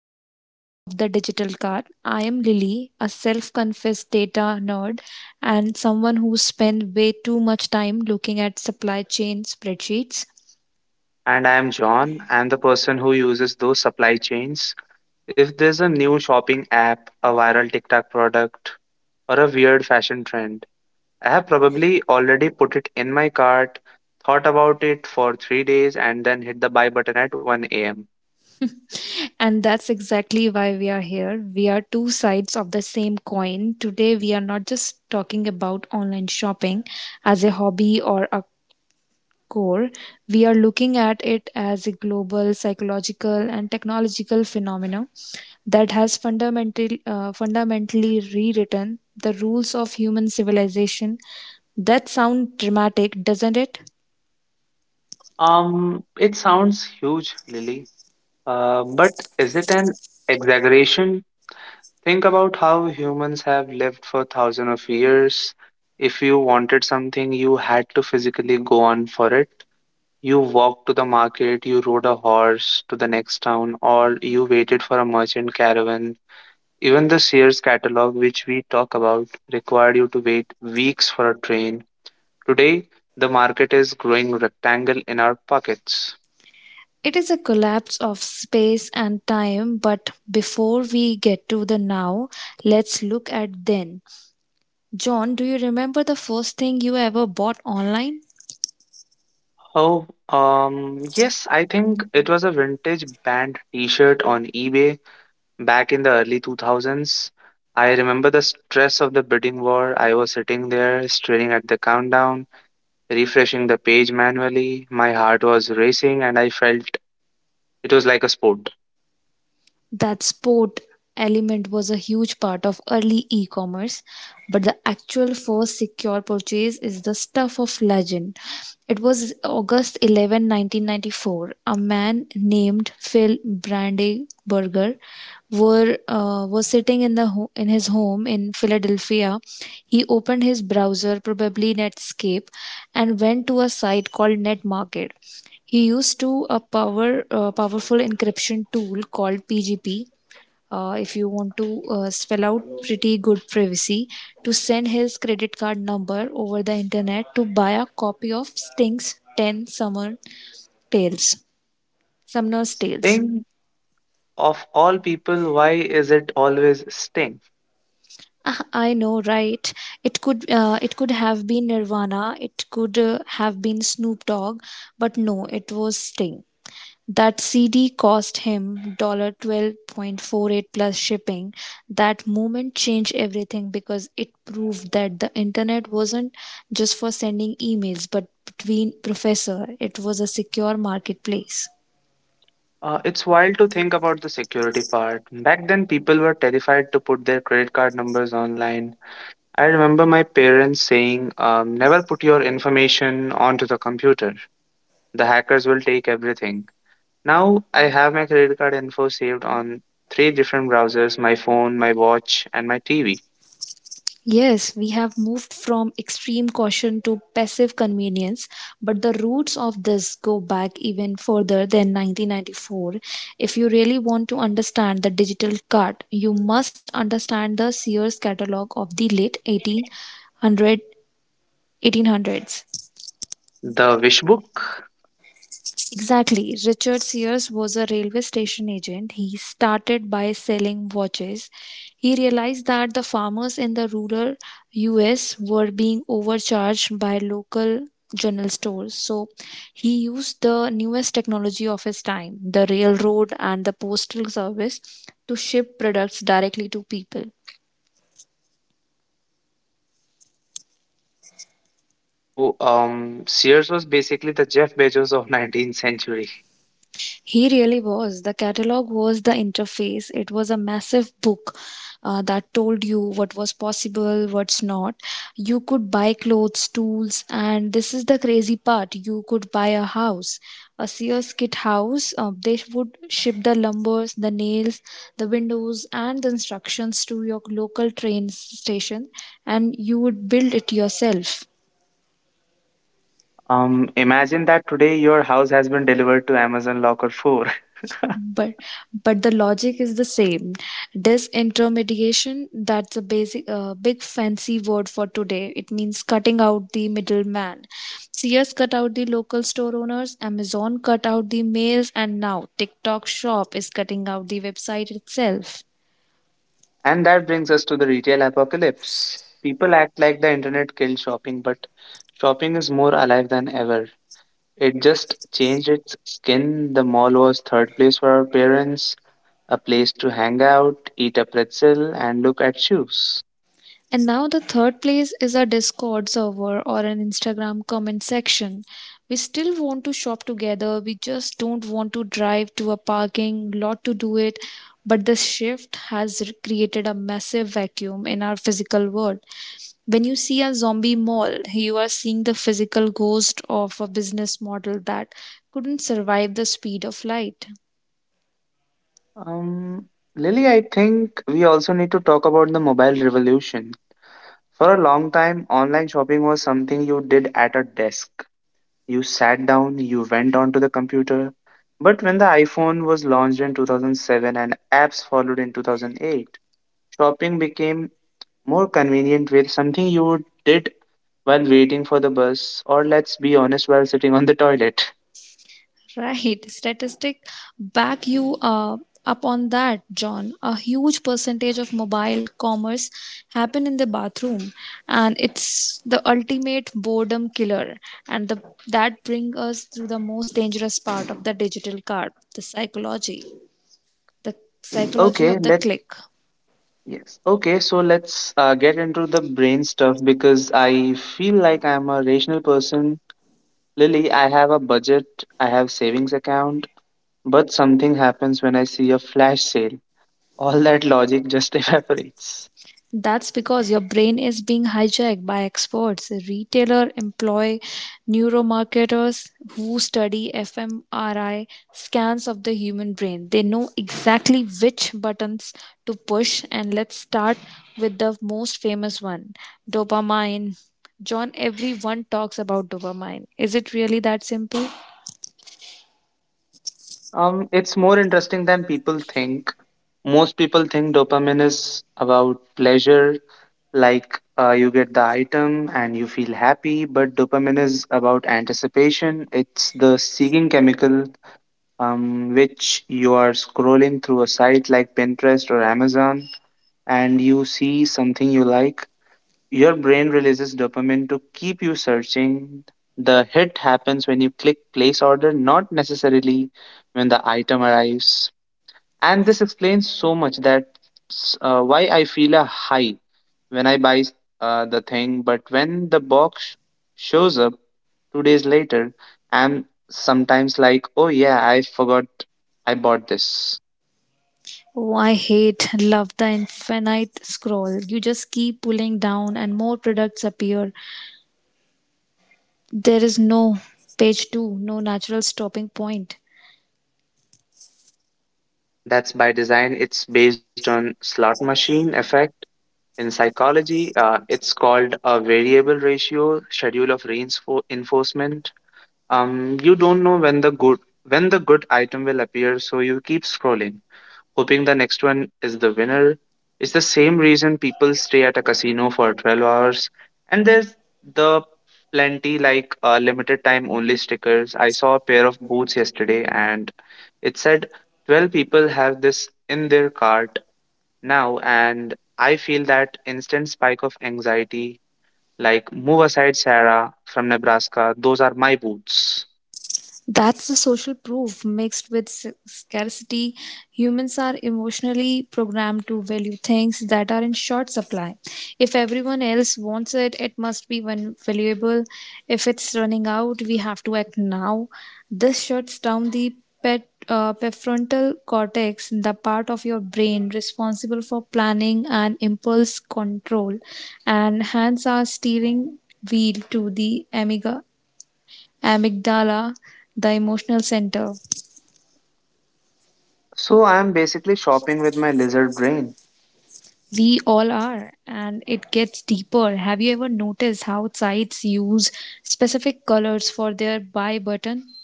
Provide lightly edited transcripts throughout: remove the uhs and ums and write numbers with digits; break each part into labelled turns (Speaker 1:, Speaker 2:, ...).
Speaker 1: first episode of The Digital Car. I am Lily, a self confessed data nerd and someone who spends way too much time looking at supply chain spreadsheets.
Speaker 2: And I'm John. I'm the person who uses those supply chains. If there's a new shopping app, a viral TikTok product, or a weird fashion trend, I have probably already put it in my cart, thought about it for 3 days, and then hit the buy button at 1 a.m.
Speaker 1: And that's exactly why we are here. We are two sides of the same coin. Today, we are not just talking about online shopping as a hobby or a core, we are looking at it as a global psychological and technological phenomenon that has fundamentally rewritten the rules of human civilization. That sounds dramatic, doesn't it?
Speaker 2: It sounds huge, Lily, but is it an exaggeration? Think about how humans have lived for thousands of years. If you wanted something, you had to physically go on for it. You walked to the market, you rode a horse to the next town, or you waited for a merchant caravan. Even the Sears catalog, which we talk about, required you to wait weeks for a train. Today, the market is growing rectangle in our pockets.
Speaker 1: It is a collapse of space and time, but before we get to the now, let's look at then. John, do you remember the first thing you ever bought online?
Speaker 2: Oh, yes, I think it was a vintage band t-shirt on eBay back in the early 2000s. I remember the stress of the bidding war. I was sitting there staring at the countdown refreshing the page manually. My heart was racing and I felt it was like a sport.
Speaker 1: That sport element was a huge part of early e commerce, but the actual first secure purchase is the stuff of legend. It was August 11th, 1994. A man named Phil Brandenburger were was sitting in his home in Philadelphia. He opened his browser, probably Netscape, and went to a site called NetMarket. He used to a powerful encryption tool called PGP. If you want to spell out pretty good privacy, to send his credit card number over the internet to buy a copy of Sting's 10 Tales, Summer's Tales.
Speaker 2: Sting, of all people, why is it always Sting?
Speaker 1: Ah, I know, right? It could have been Nirvana, it could have been Snoop Dogg, but no, it was Sting. That CD cost him dollar 12.48 plus shipping. That moment changed everything because it proved that the internet wasn't just for sending emails, but between professor, it was a secure marketplace.
Speaker 2: It's wild to think about the security part. Back then, people were terrified to put their credit card numbers online. I remember my parents saying, never put your information onto the computer. The hackers will take everything. Now, I have my credit card info saved on three different browsers, my phone, my watch, and my TV.
Speaker 1: Yes, we have moved from extreme caution to passive convenience, but the roots of this go back even further than 1994. If you really want to understand the digital cut, you must understand the Sears catalog of the late 1800s.
Speaker 2: The Wish Book.
Speaker 1: Exactly. Richard Sears was a railway station agent. He started by selling watches. He realized that the farmers in the rural US were being overcharged by local general stores. So he used the newest technology of his time, the railroad and the postal service, to ship products directly to people.
Speaker 2: So, Sears was basically the Jeff Bezos of 19th century.
Speaker 1: He really was. The catalog was the interface. It was a massive book that told you what was possible, what's not. You could buy clothes, tools, and this is the crazy part. You could buy a house, a Sears kit house. They would ship the lumbers, the nails, the windows, and the instructions to your local train station, and you would build it yourself.
Speaker 2: Imagine that today your house has been delivered to Amazon Locker 4.
Speaker 1: but but the logic is the same. Disintermediation, that's a basic big fancy word for today. It means cutting out the middleman. Sears cut out the local store owners, Amazon cut out the mails, and now TikTok shop is cutting out the website itself.
Speaker 2: And that brings us to the retail apocalypse. People act like the internet killed shopping, but shopping is more alive than ever. It just changed its skin. The mall was third place for our parents, a place to hang out, eat a pretzel, and look at shoes.
Speaker 1: And now the third place is a Discord server or an Instagram comment section. We still want to shop together, we just don't want to drive to a parking lot to do it. But this shift has created a massive vacuum in our physical world. When you see a zombie mall, you are seeing the physical ghost of a business model that couldn't survive the speed of light.
Speaker 2: Um, Lily, I think we also need to talk about the mobile revolution. For a long time, online shopping was something you did at a desk. You sat down, you went onto the computer. But when the iPhone was launched in 2007 and apps followed in 2008, shopping became more convenient with something you did while waiting for the bus, or let's be honest, while sitting on the toilet.
Speaker 1: Right. Statistic back you up on that, John. A huge percentage of mobile commerce happen in the bathroom, and it's the ultimate boredom killer. And that brings us to the most dangerous part of the digital card, the psychology. The psychology
Speaker 2: Okay,
Speaker 1: of the
Speaker 2: let's
Speaker 1: click.
Speaker 2: yes. Okay, so let's get into the brain stuff because I feel like I'm a rational person. Lily, I have a budget, I have savings account, but something happens when I see a flash sale. All that logic just evaporates.
Speaker 1: That's because your brain is being hijacked by experts, retailers employ neuromarketers who study fMRI scans of the human brain. They know exactly which buttons to push, and let's start with the most famous one, dopamine. John, everyone talks about dopamine. Is it really that simple?
Speaker 2: It's more interesting than people think. Most people think dopamine is about pleasure, like you get the item and you feel happy, but dopamine is about anticipation. It's the seeking chemical, which you are scrolling through a site like Pinterest or Amazon and you see something you like, your brain releases dopamine to keep you searching. The hit happens when you click place order, not necessarily when the item arrives. And this explains so much that why I feel a high when I buy the thing, but when the box shows up 2 days later, I'm sometimes like, oh yeah, I forgot I bought this.
Speaker 1: Oh, I love the infinite scroll. You just keep pulling down, and more products appear. There is no page two, no natural stopping point.
Speaker 2: That's by design. It's based on slot machine effect. In psychology, it's called a variable ratio schedule of reinforcement. You don't know when the good item will appear, so you keep scrolling, hoping the next one is the winner. It's the same reason people stay at a casino for 12 hours. And there's the plenty like limited time only stickers. I saw a pair of boots yesterday and it said 12 people have this in their cart now. And I feel that instant spike of anxiety like move aside Sarah from Nebraska. Those are my boots.
Speaker 1: That's the social proof mixed with scarcity. Humans are emotionally programmed to value things that are in short supply. If everyone else wants it, it must be one valuable. If it's running out, we have to act now. This shuts down the prefrontal cortex, the part of your brain responsible for planning and impulse control, and hands are steering wheel to the amiga amygdala, the emotional center.
Speaker 2: So I am basically shopping with my lizard brain.
Speaker 1: We all are, and it gets deeper. Have you ever noticed how sites use specific colors for their buy button?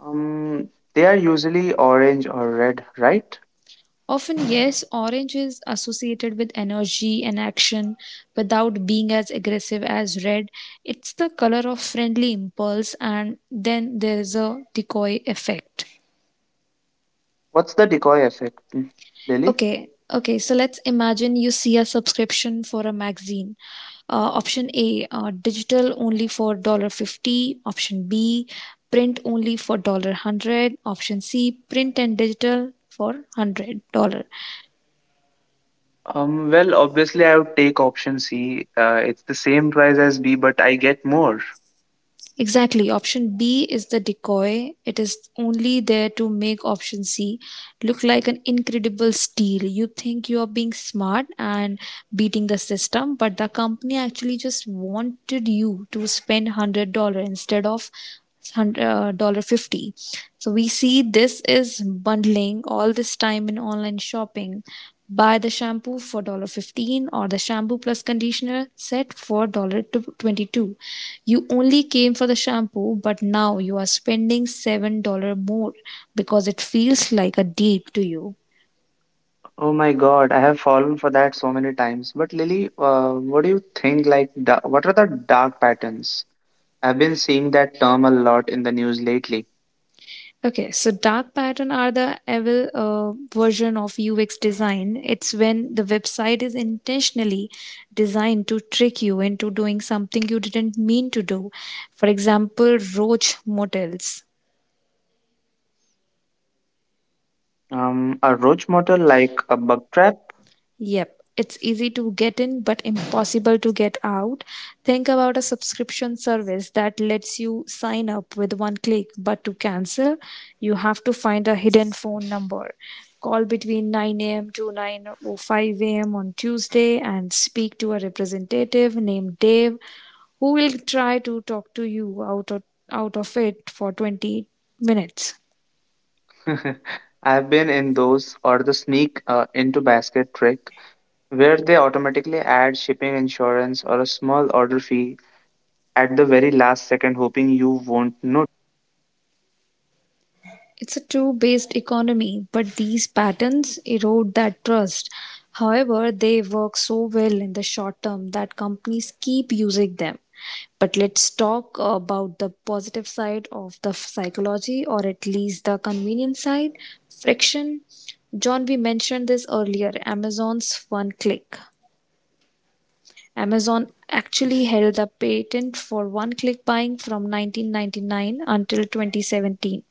Speaker 2: Um, they are usually orange or red, right?
Speaker 1: Often, yes, orange is associated with energy and action without being as aggressive as red. It's the color of friendly impulse, and then there is a decoy effect.
Speaker 2: What's the decoy effect, Lily?
Speaker 1: Okay. So let's imagine you see a subscription for a magazine. Option A, digital only for dollar 50. Option B, print only for dollar hundred. Option C, print and digital for $100.
Speaker 2: Well, obviously, I would take option C. It's the same price as B, but I get more.
Speaker 1: Exactly. Option B is the decoy. It is only there to make option C look like an incredible steal. You think you are being smart and beating the system, but the company actually just wanted you to spend $100 instead of 150 50. So we see this is bundling all this time in online shopping. Buy the shampoo for $1 15 or the shampoo plus conditioner set for $1 22. You only came for the shampoo, but now you are spending $7 more because it feels like a deal to you.
Speaker 2: Oh my God, I have fallen for that so many times. But Lily, what do you think? Like, what are the dark patterns? I've been seeing that term a lot in the news lately.
Speaker 1: Okay, so dark pattern are the evil version of UX design. It's when the website is intentionally designed to trick you into doing something you didn't mean to do. For example, roach motels.
Speaker 2: A roach motel like a bug trap?
Speaker 1: Yep, it's easy to get in but impossible to get out. Think about a subscription service that lets you sign up with one click, but to cancel, you have to find a hidden phone number. Call between 9 a.m. to 9:05 a.m. on Tuesday and speak to a representative named Dave who will try to talk to you out of it for 20 minutes.
Speaker 2: I've been in those or the sneak into basket trick, where they automatically add shipping insurance or a small order fee at the very last second, hoping you won't notice.
Speaker 1: It's a two based economy, but these patterns erode that trust. However, they work so well in the short term that companies keep using them. But let's talk about the positive side of the psychology, or at least the convenience side, friction. John, we mentioned this earlier, Amazon's one click. Amazon actually held the patent for one-click buying from 1999 until 2017.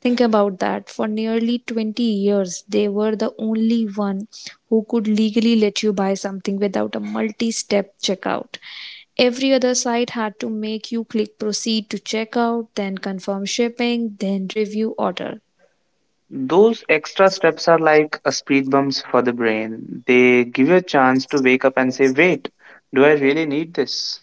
Speaker 1: Think about that. For nearly 20 years, they were the only one who could legally let you buy something without a multi-step checkout. Every other site had to make you click proceed to checkout, then confirm shipping, then review order.
Speaker 2: Those extra steps are like a speed bumps for the brain. They give you a chance to wake up and say, wait, do I really need this?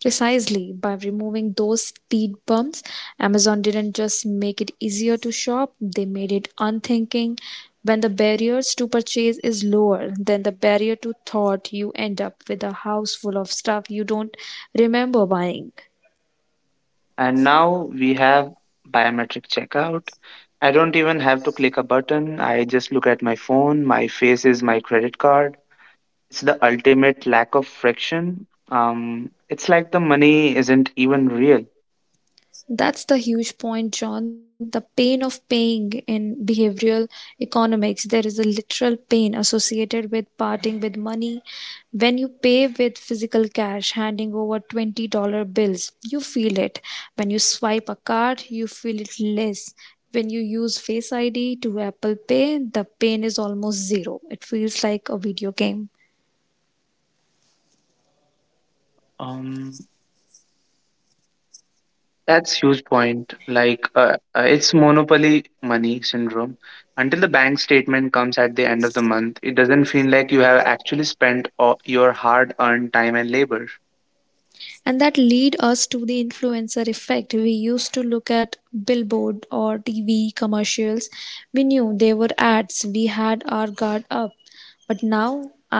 Speaker 1: Precisely, by removing those speed bumps, Amazon didn't just make it easier to shop, they made it unthinking. When the barriers to purchase is lower than the barrier to thought, you end up with a house full of stuff you don't remember buying.
Speaker 2: And now we have biometric checkout. I don't even have to click a button. I just look at my phone. My face is my credit card. It's the ultimate lack of friction. It's like the money isn't even real.
Speaker 1: That's the huge point, John. The pain of paying in behavioral economics. There is a literal pain associated with parting with money. When you pay with physical cash, handing over $20 bills, you feel it. When you swipe a card, you feel it less. When you use Face ID to Apple Pay, the pain is almost zero. It feels like a video game.
Speaker 2: Um, that's huge point. Like, it's monopoly money syndrome. Until the bank statement comes at the end of the month, it doesn't feel like you have actually spent all your hard-earned time and labor.
Speaker 1: And that lead us to the influencer effect. We used to look at billboard or TV commercials. We knew they were ads, we had our guard up. But now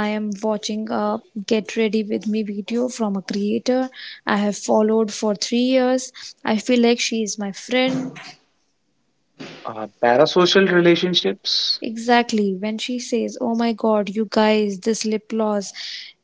Speaker 1: I am watching a get ready with me video from a creator I have followed for 3 years. I feel like she is my friend.
Speaker 2: Parasocial relationships.
Speaker 1: Exactly. When she says, "Oh my God, you guys, this lip gloss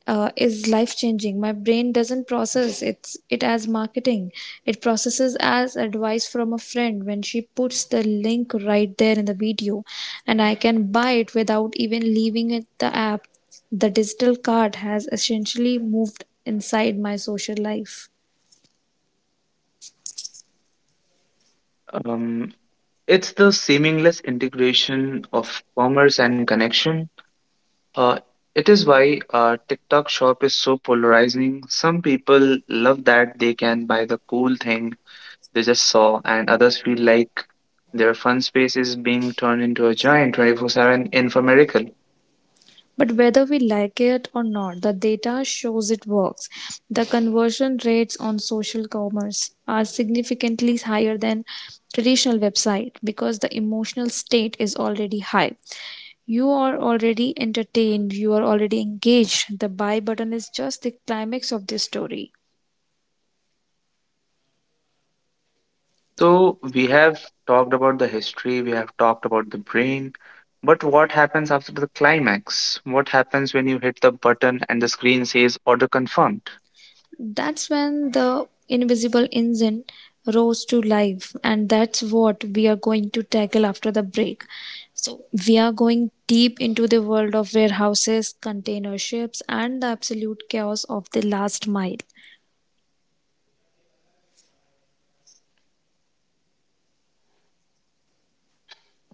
Speaker 1: is life changing." My brain doesn't process it as marketing, it processes as advice from a friend. When she puts the link right there in the video, and I can buy it without even leaving it, the app. The digital card has essentially moved inside my social life.
Speaker 2: Um, it's the seamless integration of commerce and connection. Uh, it is why TikTok shop is so polarizing. Some people love that they can buy the cool thing they just saw, and others feel like their fun space is being turned into a giant 24/7 infomercial.
Speaker 1: But whether we like it or not, the data shows it works. The conversion rates on social commerce are significantly higher than traditional website because the emotional state is already high. You are already entertained, you are already engaged. The buy button is just the climax of this story.
Speaker 2: So, we have talked about the history, we have talked about the brain, but what happens after the climax? What happens when you hit the button and the screen says order confirmed?
Speaker 1: That's when the invisible engine rose to life, and that's what we are going to tackle after the break. So, we are going deep into the world of warehouses, container ships, and the absolute chaos of the last mile.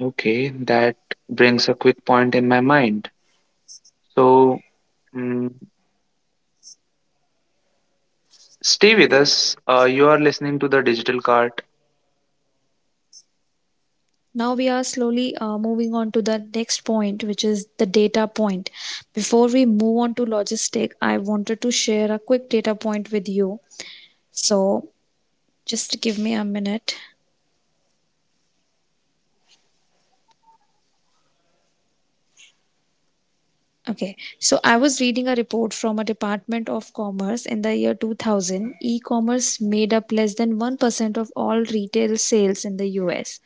Speaker 2: Okay, that brings a quick point in my mind. So, mm, stay with us. You are listening to the Digital Cart.
Speaker 1: Now, we are slowly moving on to the next point, which is the data point. Before we move on to logistic, I wanted to share a quick data point with you. So, just give me a minute. Okay, so I was reading a report from a Department of Commerce in the year 2000. E commerce made up less than 1% of all retail sales in the US.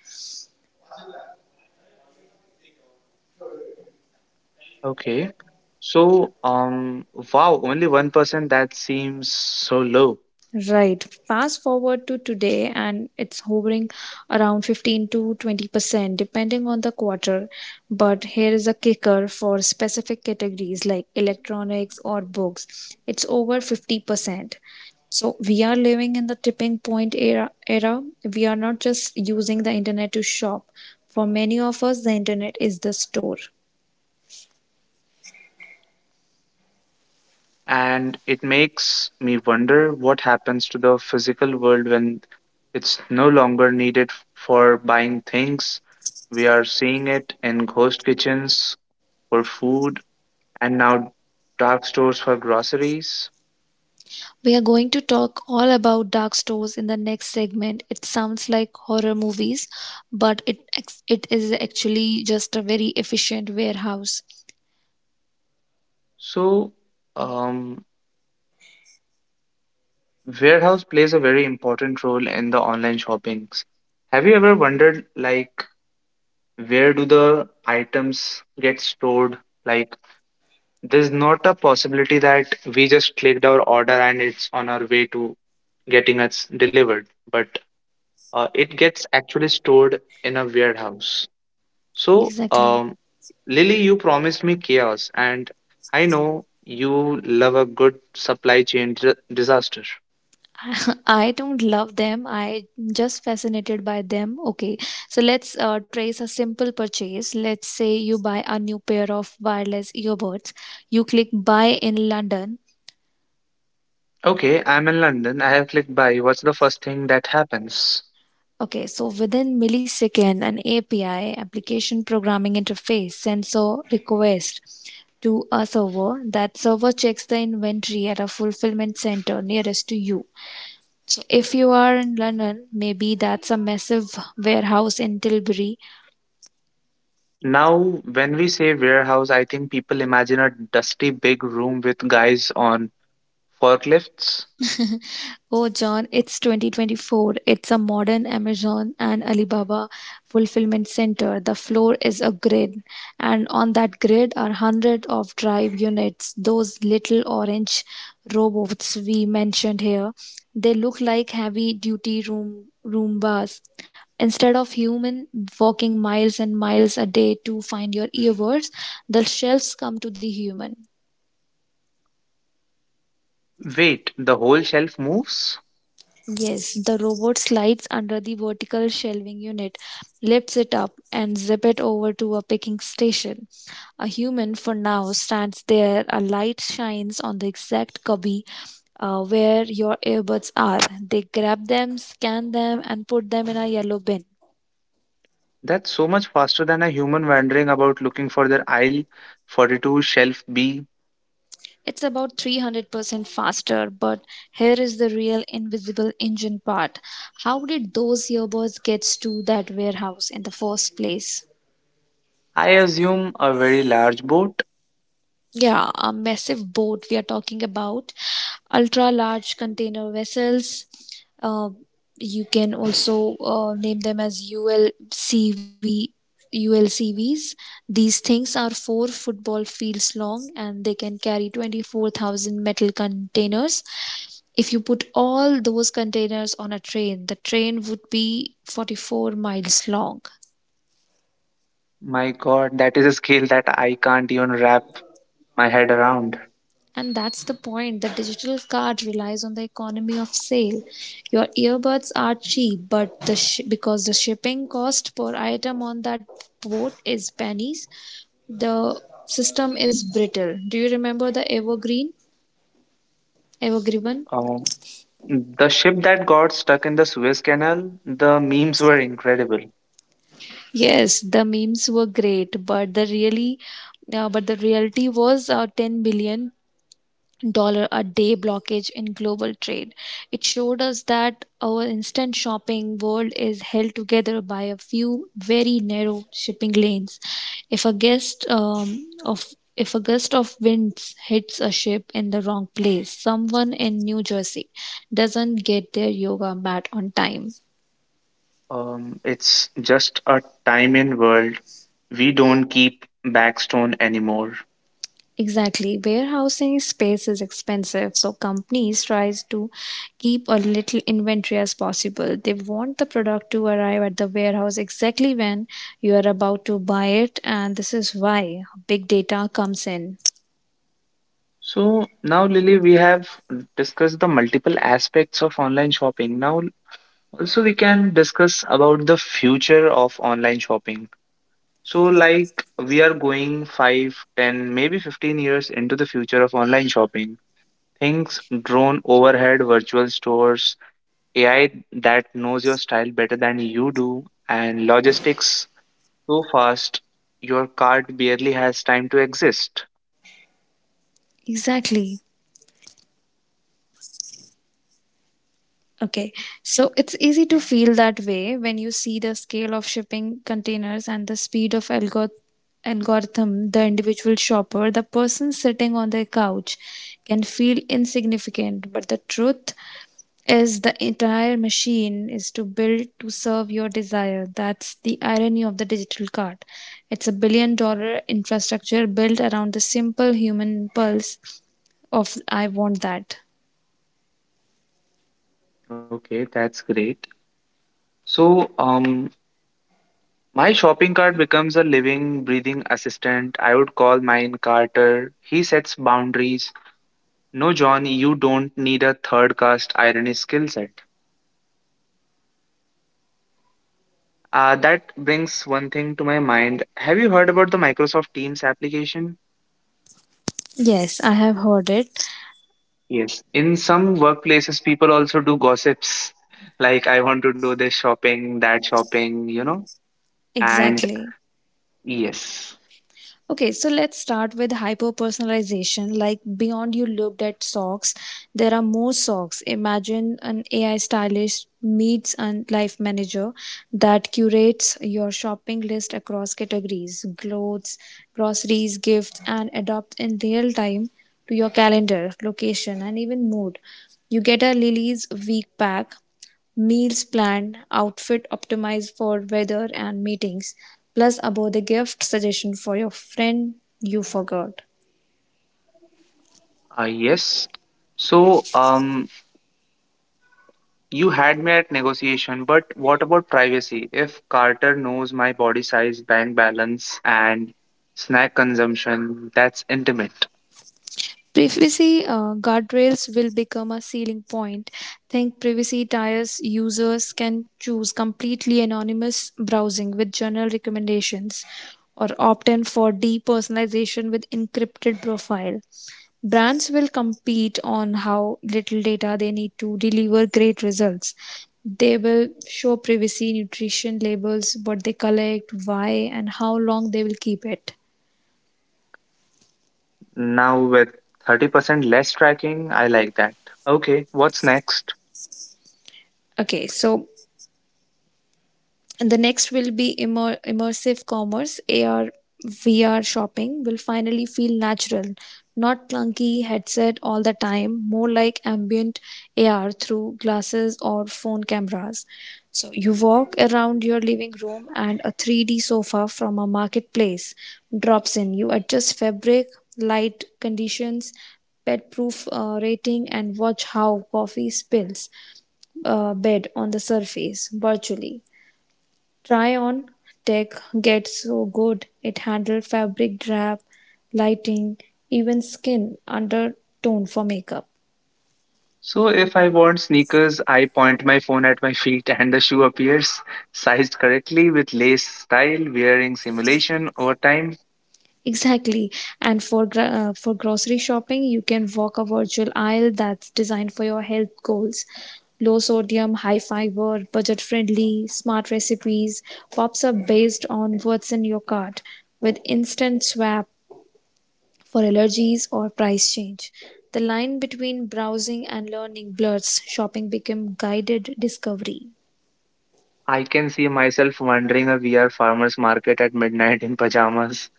Speaker 2: Okay. So, wow, only 1%, that seems so low.
Speaker 1: Right. Fast forward to today, and it's hovering around 15 to 20%, depending on the quarter. But here is a kicker for specific categories like electronics or books. It's over 50%. So we are living in the tipping point era. We are not just using the internet to shop. For many of us, the internet is the store.
Speaker 2: And it makes me wonder what happens to the physical world when it's no longer needed for buying things. We are seeing it in ghost kitchens for food and now dark stores for groceries.
Speaker 1: We are going to talk all about dark stores in the next segment. It sounds like horror movies, but it is actually just a very efficient warehouse.
Speaker 2: So, um, warehouse plays a very important role in the online shoppings. Have you ever wondered, like, where do the items get stored? Like, there's not a possibility that we just clicked our order and it's on our way to getting us delivered, but it gets actually stored in a warehouse. So,
Speaker 1: Exactly.
Speaker 2: Lily, you promised me chaos, and I know you love a good supply chain disaster.
Speaker 1: I don't love them. I just fascinated by them. Okay, so let's trace a simple purchase. Let's say you buy a new pair of wireless earbuds. You click buy in London.
Speaker 2: Okay, I'm in London. I have clicked buy. What's the first thing that happens?
Speaker 1: Okay, so within millisecond, an API, application programming interface, sends a request to a server. That server checks the inventory at a fulfillment center nearest to you. So if you are in London, maybe that's a massive warehouse in Tilbury.
Speaker 2: Now, when we say warehouse, I think people imagine a dusty big room with guys on forklifts.
Speaker 1: Oh, John, it's 2024. It's a modern Amazon and Alibaba fulfillment center. The floor is a grid, and on that grid are hundreds of drive units, those little orange robots we mentioned here. They look like heavy duty room Roombas. Instead of human walking miles and miles a day to find your earbuds, the shelves come to the human.
Speaker 2: Wait, the whole shelf moves?
Speaker 1: Yes, the robot slides under the vertical shelving unit, lifts it up, and zip it over to a picking station. A human, for now, stands there. A light shines on the exact cubby where your earbuds are. They grab them, scan them, and put them in a yellow bin.
Speaker 2: That's so much faster than a human wandering about looking for their aisle 42 shelf B.
Speaker 1: It's about 300% faster, but here is the real invisible engine part. How did those earbuds get to that warehouse in the first place?
Speaker 2: I assume a very large boat.
Speaker 1: Yeah, a massive boat we are talking about, ultra large container vessels. Uh, you can also name them as ULCV, ULCVs. These things are four football fields long and they can carry 24,000 metal containers. If you put all those containers on a train, the train would be 44 miles long.
Speaker 2: My god, that is a scale that I can't even wrap my head around.
Speaker 1: And that's the point. The digital card relies on the economy of sale. Your earbuds are cheap, but because the shipping cost per item on that boat is pennies, the system is brittle. Do you remember the Evergreen? Evergreen?
Speaker 2: Um, the ship that got stuck in the Suez Canal, the memes were incredible.
Speaker 1: Yes, the memes were great, but but the reality was 10 dollar a day blockage in global trade. It showed us that our instant shopping world is held together by a few very narrow shipping lanes. If a gust um, of if a gust of winds hits a ship in the wrong place, someone in New Jersey doesn't get their yoga mat on time.
Speaker 2: It's just a time in world. We don't keep backstone anymore.
Speaker 1: Exactly. Warehousing space is expensive, so companies tries to keep a little inventory as possible. They want the product to arrive at the warehouse exactly when you are about to buy it, and this is why big data comes in.
Speaker 2: So now, Lily, we have discussed the multiple aspects of online shopping. Now, also we can discuss about the future of online shopping. So, like we are going five, ten, maybe 15 years into the future of online shopping. Things drone overhead, virtual stores, AI that knows your style better than you do, and logistics so fast your card barely has time to exist.
Speaker 1: Exactly. Okay, so it's easy to feel that way when you see the scale of shipping containers and the speed of algorithm. Algorithm, the individual shopper, the person sitting on their couch can feel insignificant, but the truth is the entire machine is to build to serve your desire. That's the irony of the digital cart. It's a billion dollar infrastructure built around the simple human impulse of I want that.
Speaker 2: Okay, that's great. So, my shopping cart becomes a living, breathing assistant. I would call mine Carter. He sets boundaries. No, John, you don't need a third caste irony skill set. That brings one thing to my mind. Have you heard about the Microsoft Teams application?
Speaker 1: Yes, I have heard it.
Speaker 2: Yes. In some workplaces, people also do gossips. Like, I want to do this shopping, that shopping, you know? And
Speaker 1: Exactly.
Speaker 2: yes.
Speaker 1: Okay, so let's start with hyper personalization. Like beyond you looked at socks, there are more socks. Imagine an AI stylist meets a life manager that curates your shopping list across categories, clothes, groceries, gifts, and adopt in real time to your calendar, location, and even mood. You get a Lily's week pack. Meals planned, outfit optimized for weather and meetings, plus about the gift suggestion for your friend you forgot.
Speaker 2: Yes. So, you had me at negotiation, but what about privacy? If Carter knows my body size, bank balance, and snack consumption, that's intimate.
Speaker 1: Privacy guardrails will become a ceiling point. Think privacy tiers users can choose completely anonymous browsing with general recommendations or opt in for depersonalization with encrypted profile. Brands will compete on how little data they need to deliver great results. They will show privacy nutrition labels, what they collect, why, and how long they will keep it.
Speaker 2: Now, with 30% less tracking, I like that. Okay, what's next?
Speaker 1: Okay, so. And the next will be immersive commerce, AR, VR shopping will finally feel natural, not clunky headset all the time, more like ambient AR through glasses or phone cameras. So you walk around your living room and a 3D sofa from a marketplace drops in. You adjust fabric, light conditions, pet proof rating and watch how coffee spills bed on the surface virtually. Tryon tech gets so good it handles fabric drab, lighting, even skin undertone for makeup.
Speaker 2: So, if I want sneakers, I point my phone at my feet and the shoe appears, sized correctly with lace style, wearing simulation over time.
Speaker 1: Exactly. And for for grocery shopping, you can walk a virtual aisle that's designed for your health goals. Low sodium, high fiber, budget friendly, smart recipes pops up based on what's in your cart with instant swap for allergies or price change. The line between browsing and learning blurs. Shopping became guided discovery.
Speaker 2: I can see myself wandering a VR farmer's market at midnight in pajamas.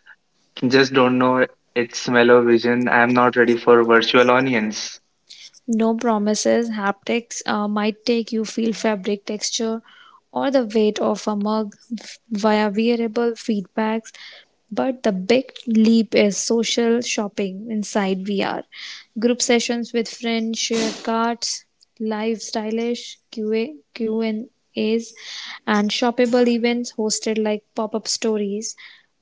Speaker 2: Just don't know its smell or vision. I'm not ready for virtual onions.
Speaker 1: No promises. Haptics might take you feel fabric texture or the weight of a mug via wearable feedbacks, but the big leap is social shopping inside VR. Group sessions with friends, share carts, live stylish QAQ and as and shoppable events hosted like pop-up stories.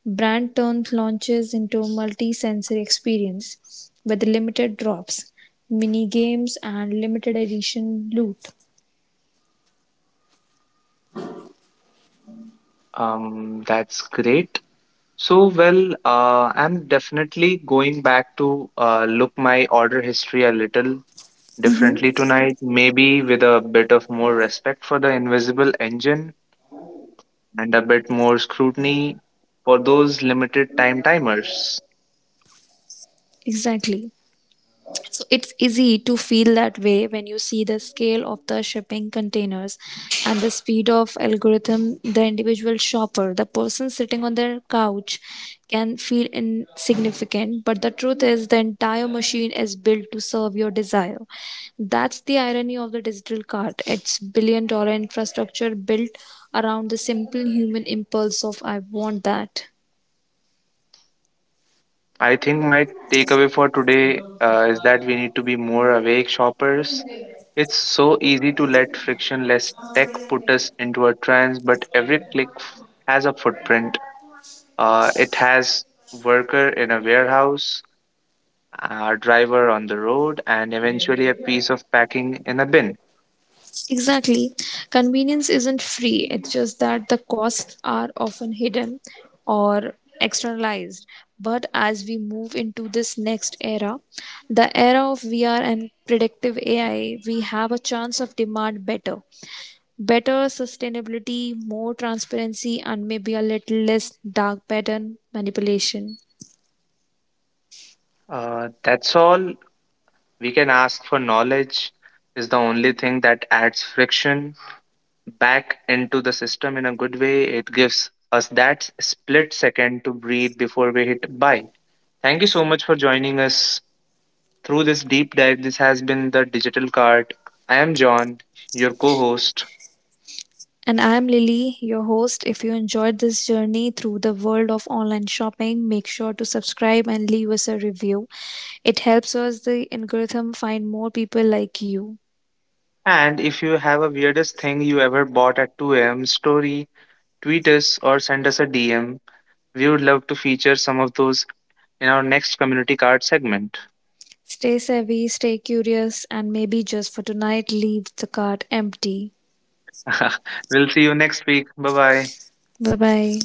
Speaker 1: Brand turns launches into a multi-sensory experience with limited drops. Mini games and limited edition loot.
Speaker 2: That's great. So, well, I'm definitely going back to look my order history a little differently tonight, maybe with a bit of more respect for the invisible engine and a bit more scrutiny for those limited time timers.
Speaker 1: Exactly. So it's easy to feel that way when you see the scale of the shipping containers and the speed of algorithm the individual shopper, the person sitting on their couch can feel insignificant, but the truth is the entire machine is built to serve your desire. That's the irony of the digital cart. It's billion dollar infrastructure built around the simple human impulse of I want that.
Speaker 2: I think my takeaway for today is that we need to be more awake shoppers. It's so easy to let frictionless tech put us into a trance, but every click has a footprint. It has worker in a warehouse, a driver on the road, and eventually a piece of packing in a bin.
Speaker 1: Exactly. Convenience isn't free, it's just that the costs are often hidden or externalized. But as we move into this next era, the era of VR and predictive AI, we have a chance of demand better. Better sustainability, more transparency, and maybe a little less dark pattern manipulation.
Speaker 2: That's all we can ask for. Knowledge is the only thing that adds friction back into the system in a good way. It gives us that split second to breathe before we hit buy. Thank you so much for joining us through this deep dive. This has been the Digital Cart. I am John, your co host.
Speaker 1: And I'm Lily, your host. If you enjoyed this journey through the world of online shopping, make sure to subscribe and leave us a review. It helps us, the algorithm, find more people like you.
Speaker 2: And if you have a weirdest thing you ever bought at 2 a.m., story, tweet us or send us a DM. We would love to feature some of those in our next community card segment.
Speaker 1: Stay savvy, stay curious, and maybe just for tonight, leave the cart empty.
Speaker 2: We'll see you next week. Bye bye.
Speaker 1: Bye bye.